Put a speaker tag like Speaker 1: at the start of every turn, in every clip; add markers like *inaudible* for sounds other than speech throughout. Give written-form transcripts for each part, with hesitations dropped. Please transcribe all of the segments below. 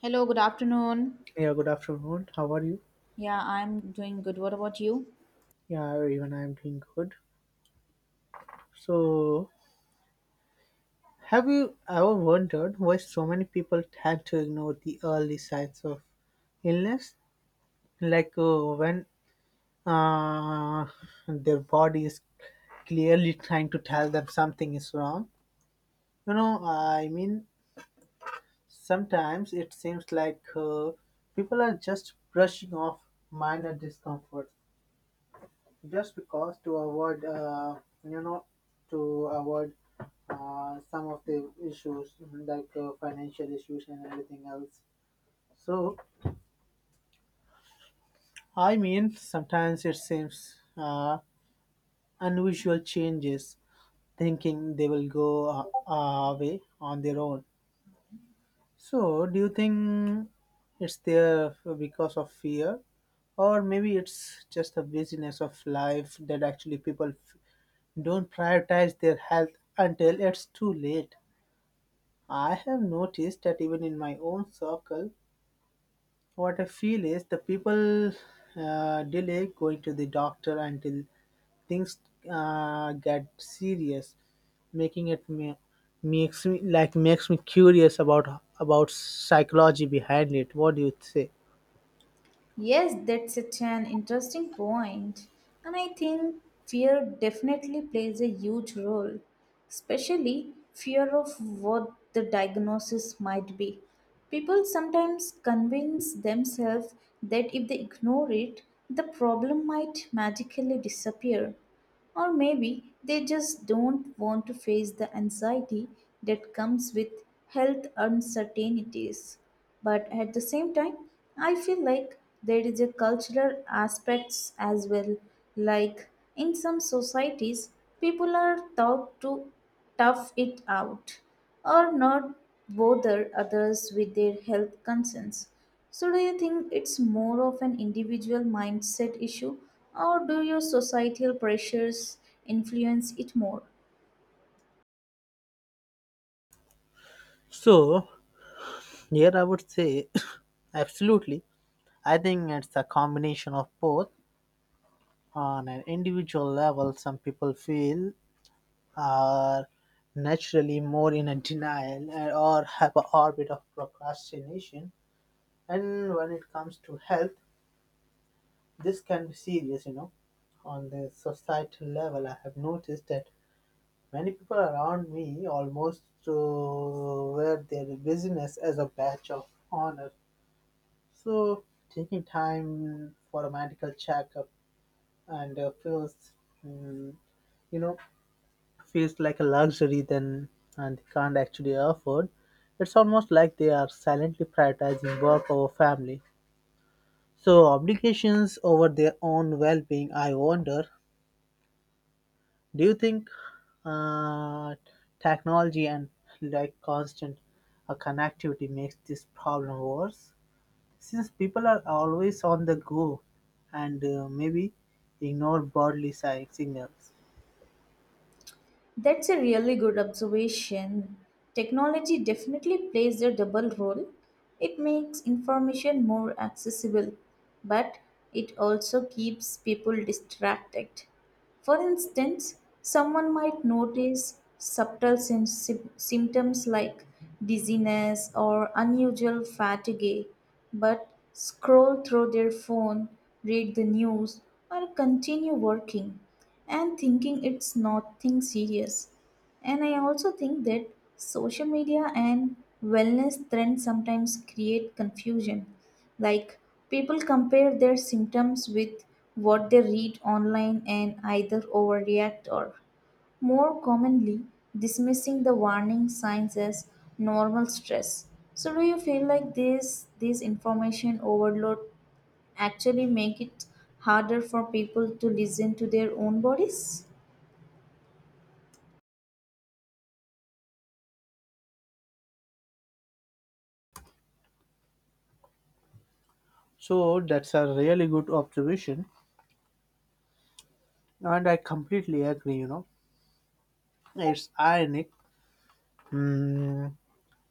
Speaker 1: Hello, good afternoon.
Speaker 2: Yeah, good afternoon. How are you?
Speaker 1: Yeah, I'm doing good. What about you?
Speaker 2: Yeah, even I am doing good. So, have you ever wondered why so many people tend to ignore the early signs of illness? Like when uh, their body is clearly trying to tell them something is wrong. You know, I mean, sometimes it seems like people are just brushing off minor discomfort just because to avoid you know to avoid some of the issues like financial issues and everything else. So I mean sometimes it seems unusual changes, thinking they will go away on their own. So, do you think it's there because of fear, or maybe it's just the busyness of life that actually people don't prioritize their health until it's too late? I have noticed that even in my own circle, what I feel is the people delay going to the doctor until things get serious, making it me, makes me makes me curious about psychology behind it. What do you say?
Speaker 1: Yes, that's such an interesting point. And I think fear definitely plays a huge role, especially fear of what the diagnosis might be. People sometimes convince themselves that if they ignore it, the problem might magically disappear. Or maybe they just don't want to face the anxiety that comes with health uncertainties. But at the same time, I feel like there is a cultural aspects as well. Like in some societies, people are taught to tough it out or not bother others with their health concerns. So, do you think it's more of an individual mindset issue, or do your societal pressures influence it more?
Speaker 2: So here I would say *coughs* absolutely. I think it's a combination of both. On an individual level, some people feel are naturally more in a denial and- or have a orbit of procrastination. And when it comes to health, this can be serious, you know. On the societal level, I have noticed that many people around me almost to wear their business as a badge of honor. So, taking time for a medical checkup and feels, mm, you know, feels like a luxury then, and they can't actually afford. It's almost like they are silently prioritizing work over family, so obligations over their own well-being. I wonder, do you think uh, technology and like constant connectivity makes this problem worse? Since people are always on the go and maybe ignore bodily signals.
Speaker 1: That's a really good observation. Technology definitely plays a double role. It makes information more accessible, but it also keeps people distracted. For instance, someone might notice subtle symptoms like dizziness or unusual fatigue, but scroll through their phone, read the news, or continue working and thinking it's nothing serious. And I also think that social media and wellness trends sometimes create confusion. Like people compare their symptoms with what they read online and either overreact or more commonly dismissing the warning signs as normal stress. So do you feel like this information overload actually make it harder for people to listen to their own bodies?
Speaker 2: So that's a really good observation, and I completely agree, you know. It's ironic, mm,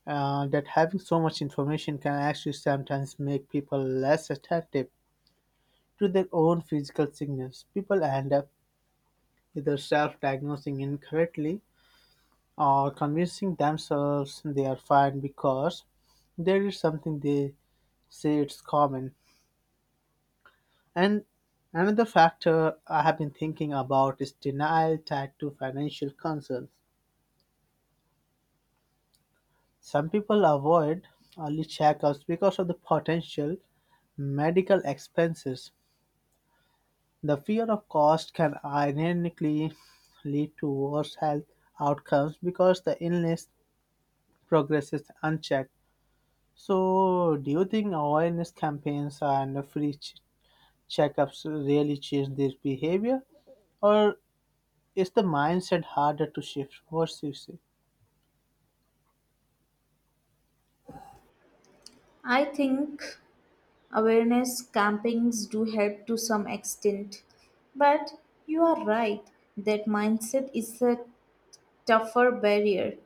Speaker 2: that having so much information can actually sometimes make people less attentive to their own physical signals. People end up either self diagnosing incorrectly, or convincing themselves they are fine because there is something they say it's common. And another factor I have been thinking about is denial tied to financial concerns. Some people avoid early checkups because of the potential medical expenses. The fear of cost can ironically lead to worse health outcomes because the illness progresses unchecked. So, do you think awareness campaigns and free checkups really change this behavior, or is the mindset harder to shift? What do you say?
Speaker 1: I think awareness campings do help to some extent, but you are right that mindset is a tougher barrier.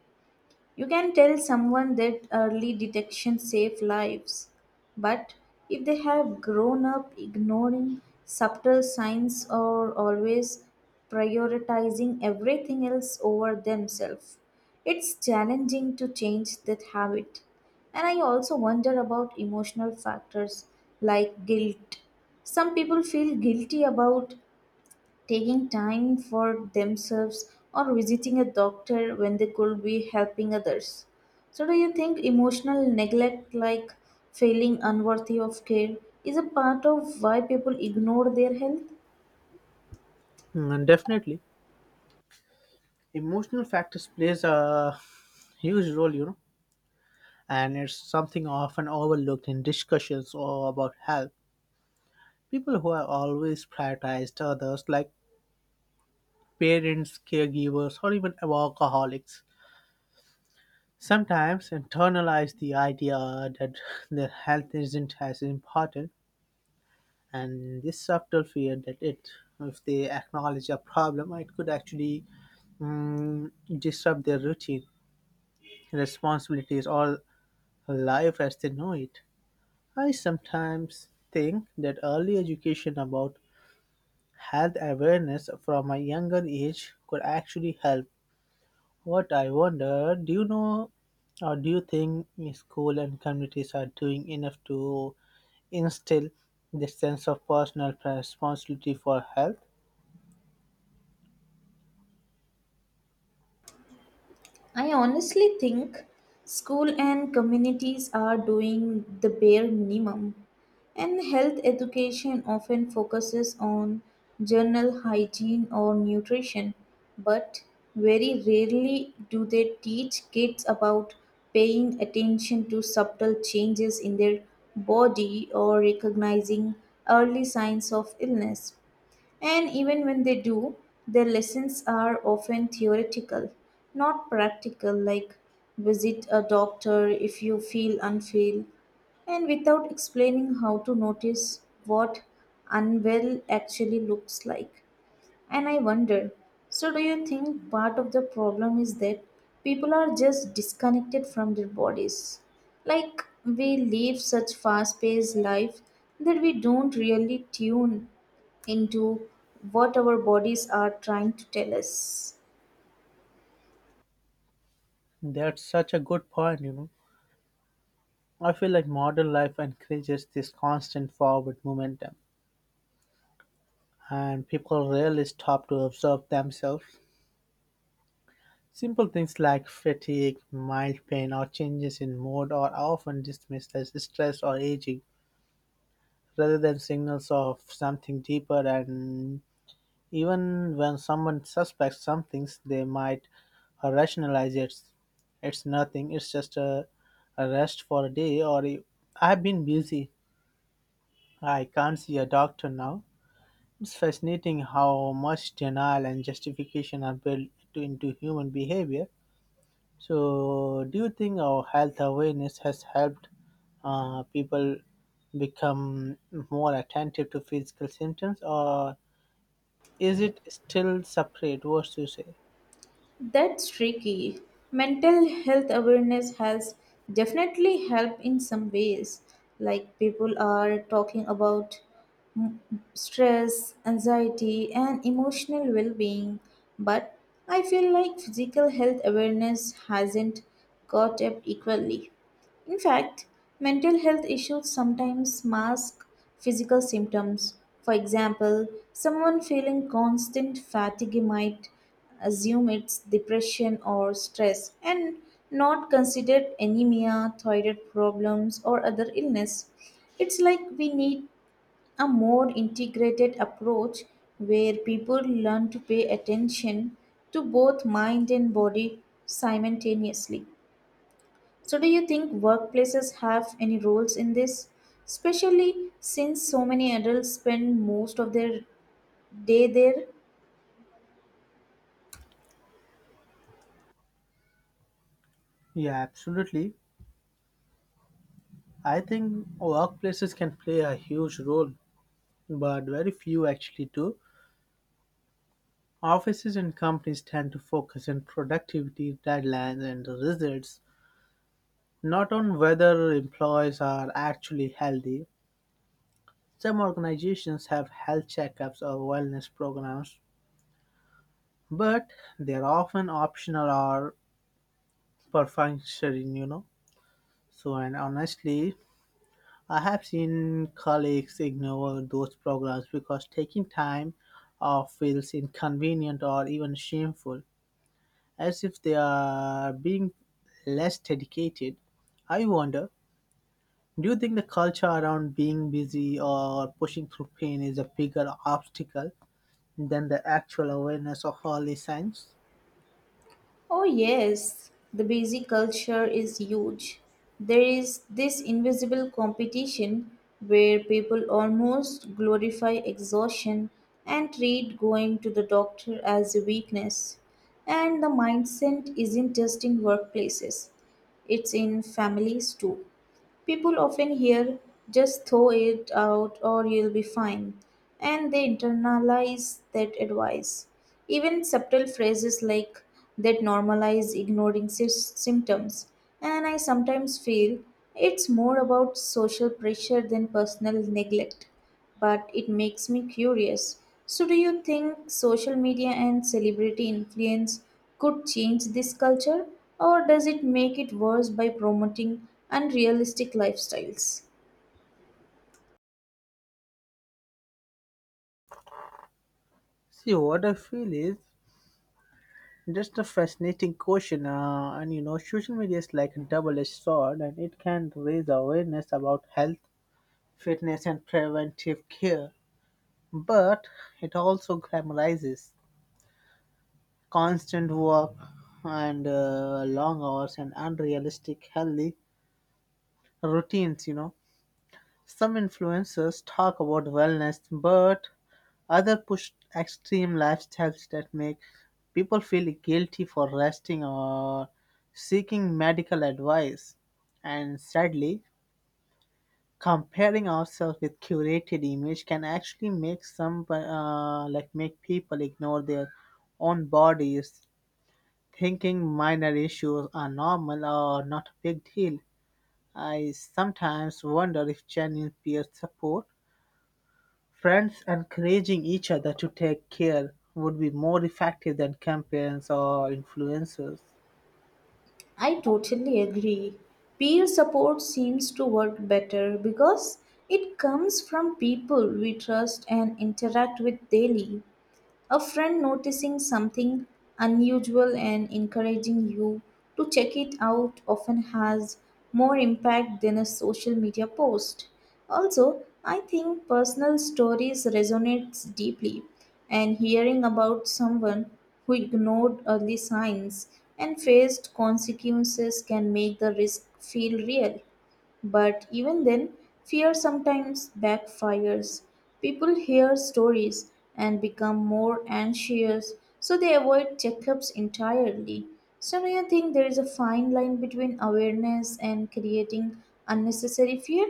Speaker 1: You can tell someone that early detection saves lives, but if they have grown up ignoring subtle signs or always prioritizing everything else over themselves, it's challenging to change that habit. And I also wonder about emotional factors like guilt. Some people feel guilty about taking time for themselves or visiting a doctor when they could be helping others. So, do you think emotional neglect, like feeling unworthy of care, is a part of why people ignore their health?
Speaker 2: Mm, definitely, emotional factors plays a huge role. You know, and it's something often overlooked in discussions or about health. People who have always prioritized others, like parents, caregivers, or even alcoholics, sometimes internalize the idea that *laughs* their health isn't as important, and this subtle fear that it, if they acknowledge a problem, it could actually mm, disrupt their routine, responsibilities, or life as they know it. I sometimes think that early education about health awareness from a younger age could actually help. What I wonder, do you know or do you think school and communities are doing enough to instill the sense of personal responsibility for health?
Speaker 1: I honestly think school and communities are doing the bare minimum, and health education often focuses on general hygiene or nutrition, but very rarely do they teach kids about paying attention to subtle changes in their body or recognizing early signs of illness. And even when they do, their lessons are often theoretical, not practical, like visit a doctor if you feel unwell, and without explaining how to notice what unwell actually looks like. And I wonder, so, do you think part of the problem is that people are just disconnected from their bodies? Like, we live such fast paced life that we don't really tune into what our bodies are trying to tell us.
Speaker 2: That's such a good point, you know. I feel like modern life encourages this constant forward momentum, and people rarely stop to observe themselves. Simple things like fatigue, mild pain, or changes in mood are often dismissed as stress or aging rather than signals of something deeper. And even when someone suspects something, they might rationalize it's nothing, a rest for a day, or I've been busy, I can't see a doctor now. It's fascinating how much denial and justification are built into human behavior. So, do you think our health awareness has helped people become more attentive to physical symptoms, or is it still separate? What do you say?
Speaker 1: That's tricky. Mental health awareness has definitely helped in some ways. Like people are talking about mm, stress, anxiety, and emotional well being. But I feel like physical health awareness hasn't caught up equally. In fact, mental health issues sometimes mask physical symptoms. For example, someone feeling constant fatigue might assume it's depression or stress and not consider anemia, thyroid problems, or other illness. It's like we need a more integrated approach where people learn to pay attention to both mind and body simultaneously. So, do you think workplaces have any roles in this? Especially since so many adults spend most of their day there?
Speaker 2: Yeah, absolutely. I think workplaces can play a huge role, but very few actually do. Offices and companies tend to focus on productivity, deadlines, and results, not on whether employees are actually healthy. Some organizations have health checkups or wellness programs, but they're often optional or perfunctory, you know. So, and honestly, I have seen colleagues ignore those programs because taking time off feels inconvenient or even shameful, as if they are being less dedicated. I wonder, do you think the culture around being busy or pushing through pain is a bigger obstacle than the actual awareness of holy signs?
Speaker 1: Oh, yes, the busy culture is huge. There is this invisible competition where people almost glorify exhaustion and treat going to the doctor as a weakness. And the mindset isn't just in workplaces, it's in families too. People often hear, just throw it out or you'll be fine, and they internalize that advice. Even subtle phrases like that normalize ignoring symptoms, and I sometimes feel it's more about social pressure than personal neglect but it makes me curious. So, do you think social media and celebrity influence could change this culture, or does it make it worse by promoting unrealistic lifestyles?
Speaker 2: See, what I feel is just a fascinating question, and you know, social media is like a double-edged sword, and it can raise awareness about health, fitness, and preventive care, but it also glamorizes constant work and long hours and unrealistic healthy routines. You know, some influencers talk about wellness, but others push extreme lifestyles that make people feel guilty for resting or seeking medical advice. And sadly, comparing ourselves with curated image can actually make some like make people ignore their own bodies, thinking minor issues are normal or not a big deal. I sometimes wonder if genuine peer support, friends encouraging each other to take care, would be more effective than campaigns or influencers.
Speaker 1: I totally agree. Peer support seems to work better because it comes from people we trust and interact with daily. A friend noticing something unusual and encouraging you to check it out often has more impact than a social media post. Also, I think personal stories resonate deeply and hearing about someone who ignored early signs and faced consequences can make the risk feel real. But even then, fear sometimes backfires. People hear stories and become more anxious, so they avoid checkups entirely. So, do you think there is a fine line between awareness and creating unnecessary fear?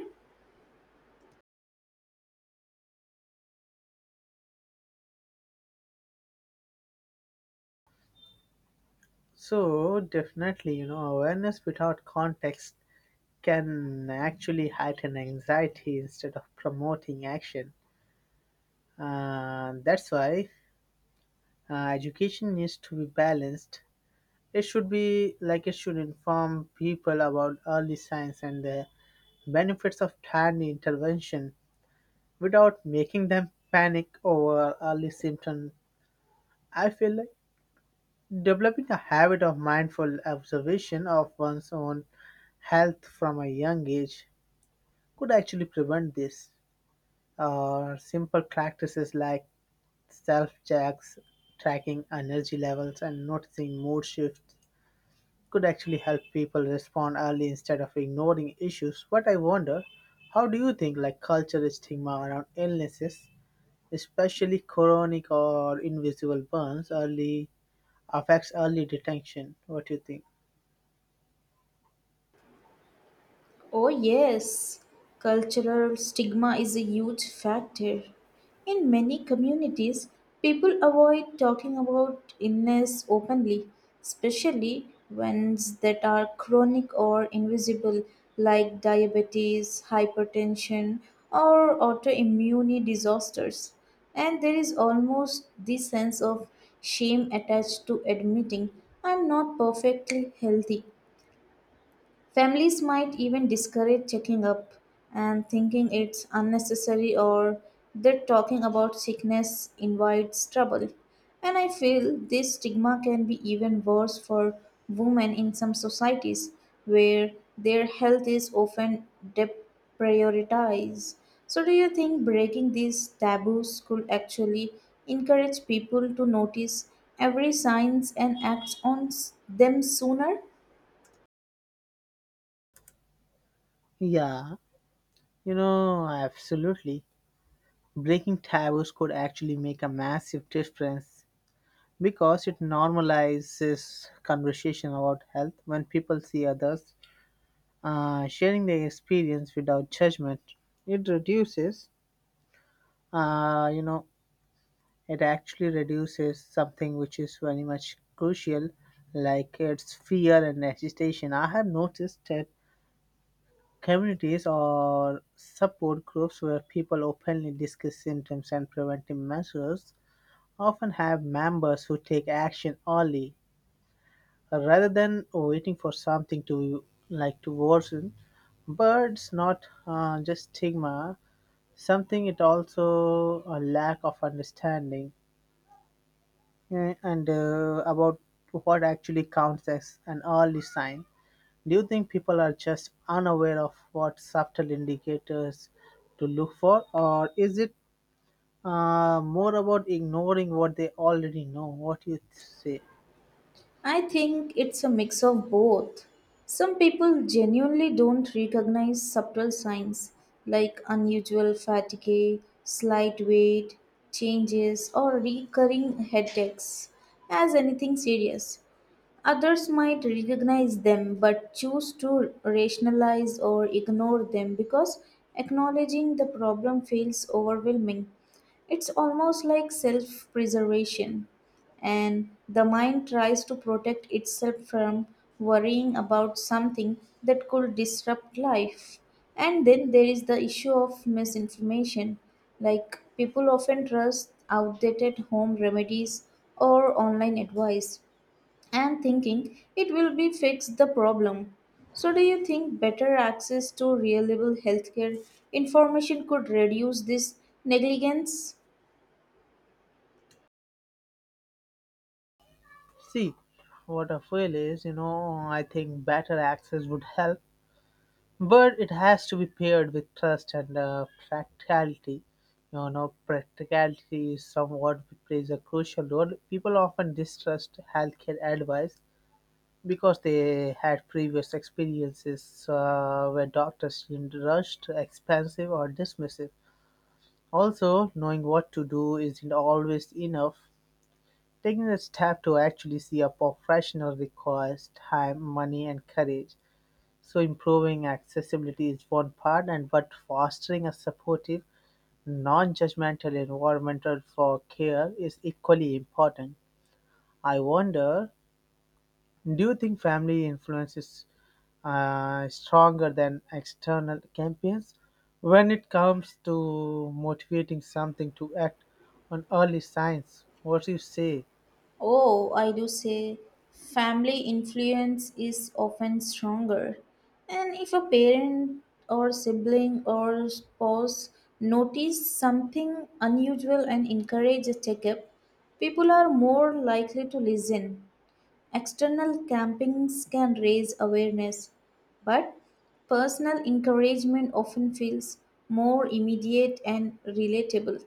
Speaker 2: So definitely, you know, awareness without context can actually heighten anxiety instead of promoting action. And that's why education needs to be balanced. It should be like it should inform people about early signs and the benefits of timely intervention, without making them panic over early symptoms. I feel like developing a habit of mindful observation of one's own health from a young age could actually prevent this. Simple practices like self checks, tracking energy levels, and noticing mood shifts could actually help people respond early instead of ignoring issues. But I wonder, how do you think like cultural stigma around illnesses, especially chronic or invisible burns early, affects early detection. What do you think?
Speaker 1: Oh, yes, cultural stigma is a huge factor. In many communities, people avoid talking about illness openly, especially ones that are chronic or invisible, like diabetes, hypertension, or autoimmune disorders. And there is almost this sense of shame attached to admitting I'm not perfectly healthy. Families might even discourage checking up and thinking it's unnecessary or that talking about sickness invites trouble. And I feel this stigma can be even worse for women in some societies where their health is often deprioritized. So, do you think breaking these taboos could actually encourage people to notice every signs and act on them sooner?
Speaker 2: Yeah, you know, absolutely. Breaking taboos could actually make a massive difference because it normalizes conversation about health. When people see others sharing their experience without judgment, It reduces, uh, you know, it actually reduces something which is very much crucial, like its fear and agitation. I have noticed that communities or support groups where people openly discuss symptoms and preventive measures often have members who take action early rather than waiting for something to to worsen. But it's not just stigma, something it also a lack of understanding. Eh, and About what actually counts as an early sign. Do you think people are just unaware of what subtle indicators to look for, or is it more about ignoring what they already know? What you say?
Speaker 1: I think it's a mix of both. Some people genuinely don't recognize subtle signs like unusual fatigue, slight weight changes, or recurring headaches as anything serious. Others might recognize them but choose to rationalize or ignore them because acknowledging the problem feels overwhelming. It's almost like self preservation, and the mind tries to protect itself from worrying about something that could disrupt life. And then there is the issue of misinformation, like people often trust outdated home remedies or online advice and thinking it will be fix the problem. So do you think better access to reliable healthcare information could reduce this negligence?
Speaker 2: See, what I feel is, you know, I think better access would help, but it has to be paired with trust and practicality. You know, practicality is somewhat plays a crucial role. People often distrust healthcare advice because they had previous experiences where doctors seemed rushed, expensive, or dismissive. Also, knowing what to do isn't always enough. Taking a step to actually see a professional requires time, money, and courage. So improving accessibility is one part, and but fostering a supportive, non-judgmental environment for care is equally important. I wonder, do you think family influence is stronger than external campaigns when it comes to motivating something to act on early signs? What do you say?
Speaker 1: Oh, I do say family influence is often stronger. And if a parent or sibling or spouse notice something unusual and encourage a checkup, people are more likely to listen. External campaigns can raise awareness, but personal encouragement often feels more immediate and relatable.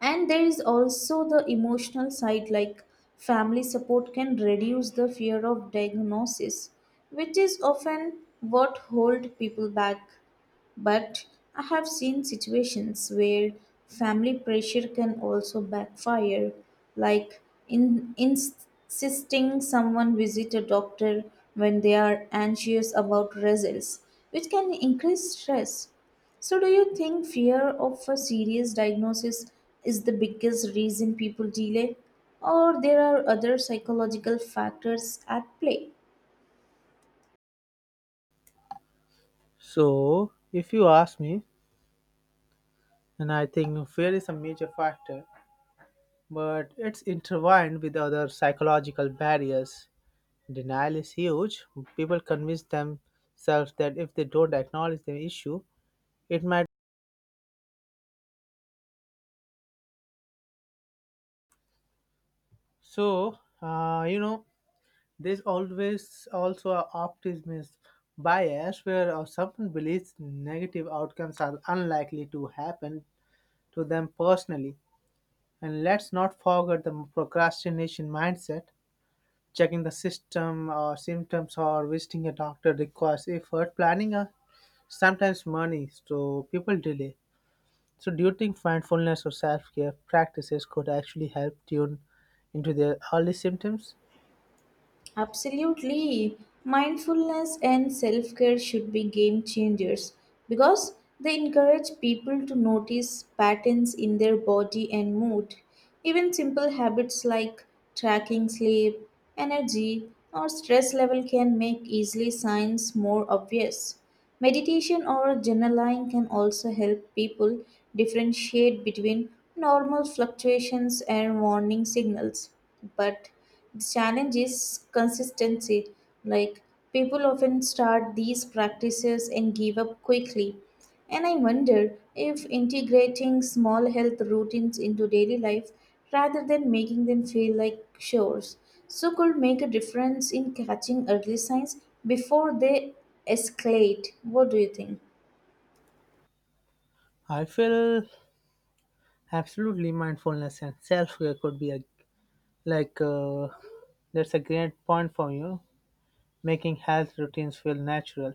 Speaker 1: And there is also the emotional side, like family support can reduce the fear of diagnosis, which is often what hold people back. But I have seen situations where family pressure can also backfire, like insisting someone visit a doctor when they are anxious about results, which can increase stress. So, do you think fear of a serious diagnosis is the biggest reason people delay, or there are other psychological factors at play?
Speaker 2: So, if you ask me, and I think fear is a major factor, but it's intertwined with other psychological barriers. Denial is huge. People convince themselves that if they don't acknowledge the issue, it might. So, you know, there's always also a optimism bias where someone believes negative outcomes are unlikely to happen to them personally. And let's not forget the procrastination mindset, checking the system or symptoms or visiting a doctor requires effort planning a sometimes money, so people delay. So, do you think mindfulness or self care practices could actually help tune into their early symptoms?
Speaker 1: Absolutely. Mindfulness and self care should be game changers because they encourage people to notice patterns in their body and mood. Even simple habits like tracking sleep, energy, or stress level can make easily signs more obvious. Meditation or journaling can also help people differentiate between normal fluctuations and warning signals. But the challenge is consistency. Like people often start these practices and give up quickly. And I wonder if integrating small health routines into daily life rather than making them feel like chores so could make a difference in catching early signs before they escalate. What do you think?
Speaker 2: I feel absolutely mindfulness and self care could be a like uh, that's a great point for you, making health routines feel natural.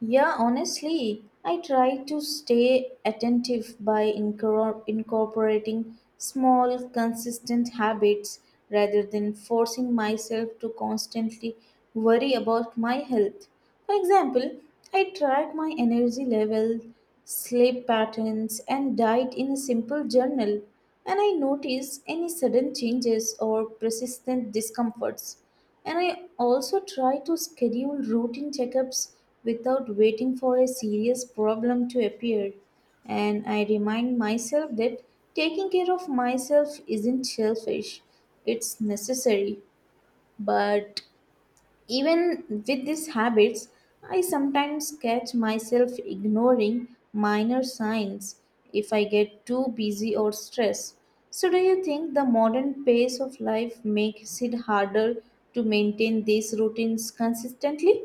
Speaker 1: Yeah, honestly, I try to stay attentive by incorporating small, consistent habits rather than forcing myself to constantly worry about my health. For example, I track my energy level, sleep patterns, and diet in a simple journal, and I notice any sudden changes or persistent discomforts. And I also try to schedule routine checkups without waiting for a serious problem to appear. And I remind myself that taking care of myself isn't selfish, it's necessary. But even with these habits, I sometimes catch myself ignoring minor signs if I get too busy or stressed. So, do you think the modern pace of life makes it harder to maintain these routines consistently?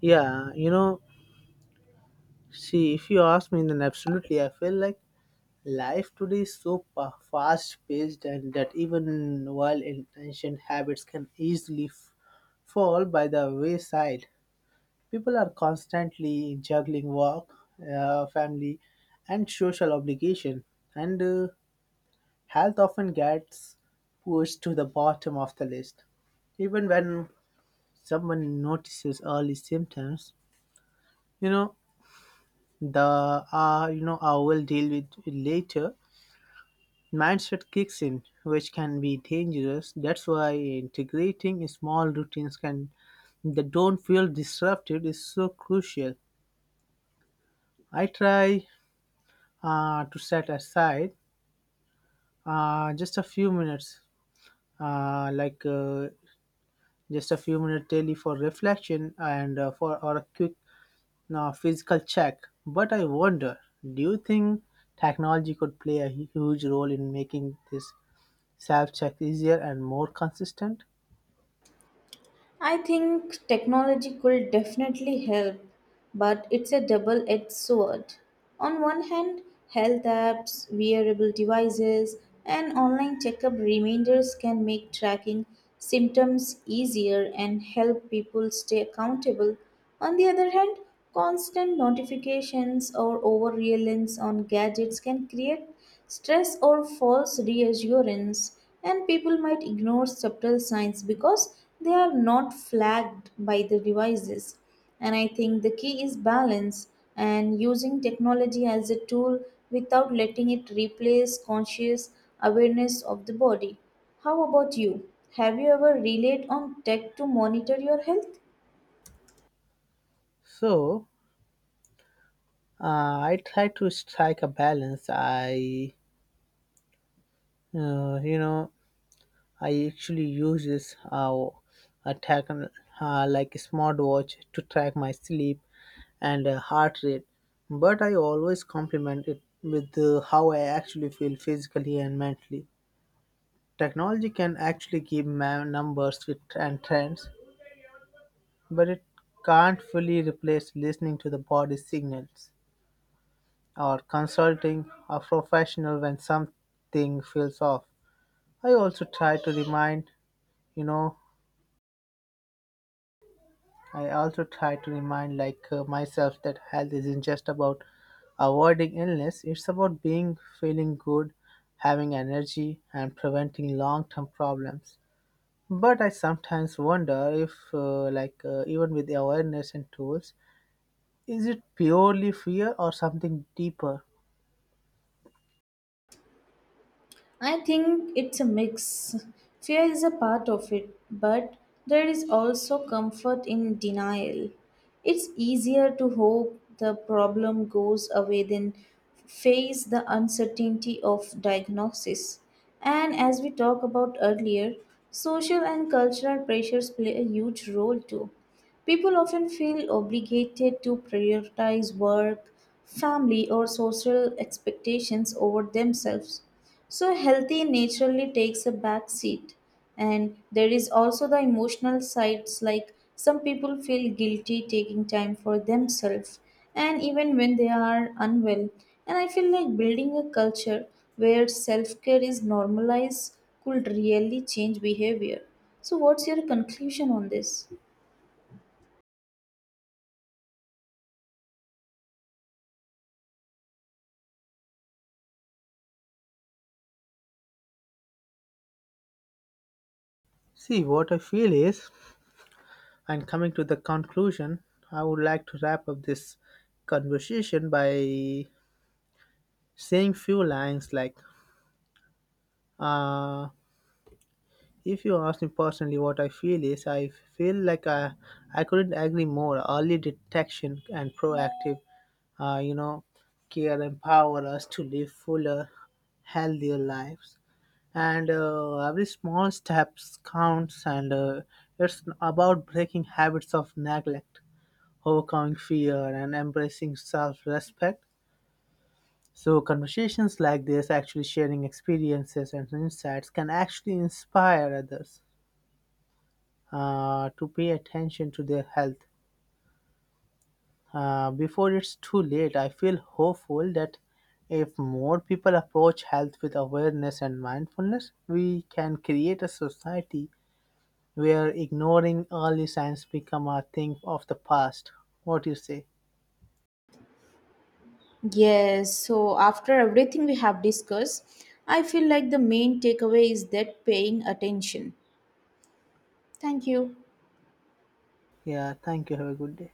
Speaker 2: Yeah, you know, see, if you ask me, then absolutely, I feel like life today is so fast paced and that even while intention habits can easily fall by the wayside. People are constantly juggling work, family, and social obligation, and health often gets pushed to the bottom of the list. Even when someone notices early symptoms, you know the you know I will deal with it later mindset kicks in, which can be dangerous. That's why integrating small routines can that don't feel disrupted is so crucial. I try to set aside uh, just a few minutes, uh, like uh, just a few minutes daily for reflection and for or a quick physical check. But I wonder, do you think technology could play a huge role in making this self check easier and more consistent?
Speaker 1: I think technology could definitely help, but it's a double edged sword. On one hand, health apps, wearable devices, and online checkup reminders can make tracking symptoms easier and help people stay accountable. On the other hand, constant notifications or over reliance on gadgets can create stress or false reassurance, and people might ignore subtle signs because they are not flagged by the devices. And I think the key is balance and using technology as a tool without letting it replace conscious awareness of the body. How about you? Have you ever relied on tech to monitor your health?
Speaker 2: So, I try to strike a balance. Uh, you know, I actually use this a tech, a smartwatch to track my sleep and heart rate, but I always complement it with how I actually feel physically and mentally. Technology can actually give numbers with, and trends, but it can't fully replace listening to the body's signals, or consulting a professional when something feels off. I also try to remind, you know, I also try to remind like myself that health isn't just about avoiding illness, it's about being feeling good, having energy and preventing long-term problems. But I sometimes wonder if even with the awareness and tools, is it purely fear or something deeper?
Speaker 1: I think it's a mix. Fear is a part of it, but there is also comfort in denial. It's easier to hope the problem goes away than face the uncertainty of diagnosis. And as we talked about earlier, social and cultural pressures play a huge role too. People often feel obligated to prioritize work, family, or social expectations over themselves. So, healthy naturally takes a back seat. And there is also the emotional sides, like some people feel guilty taking time for themselves, and even when they are unwell. And I feel like building a culture where self care is normalized could really change behavior. So, what's your conclusion on this?
Speaker 2: See, what I feel is, and coming to the conclusion, I would like to wrap up this conversation by saying few lines like, uh, if you ask me personally what I feel is, I feel like I couldn't agree more. Early detection and proactive, uh, you know, care empower us to live fuller, healthier lives, and every small steps counts, and it's about breaking habits of neglect, overcoming fear, and embracing self respect. So, conversations like this, actually sharing experiences and insights, can actually inspire others to pay attention to their health. Before it's too late, I feel hopeful that if more people approach health with awareness and mindfulness, we can create a society where ignoring early signs become a thing of the past. What do you say?
Speaker 1: Yes, so after everything we have discussed, I feel like the main takeaway is that paying attention. Thank you.
Speaker 2: Yeah, thank you. Have a good day.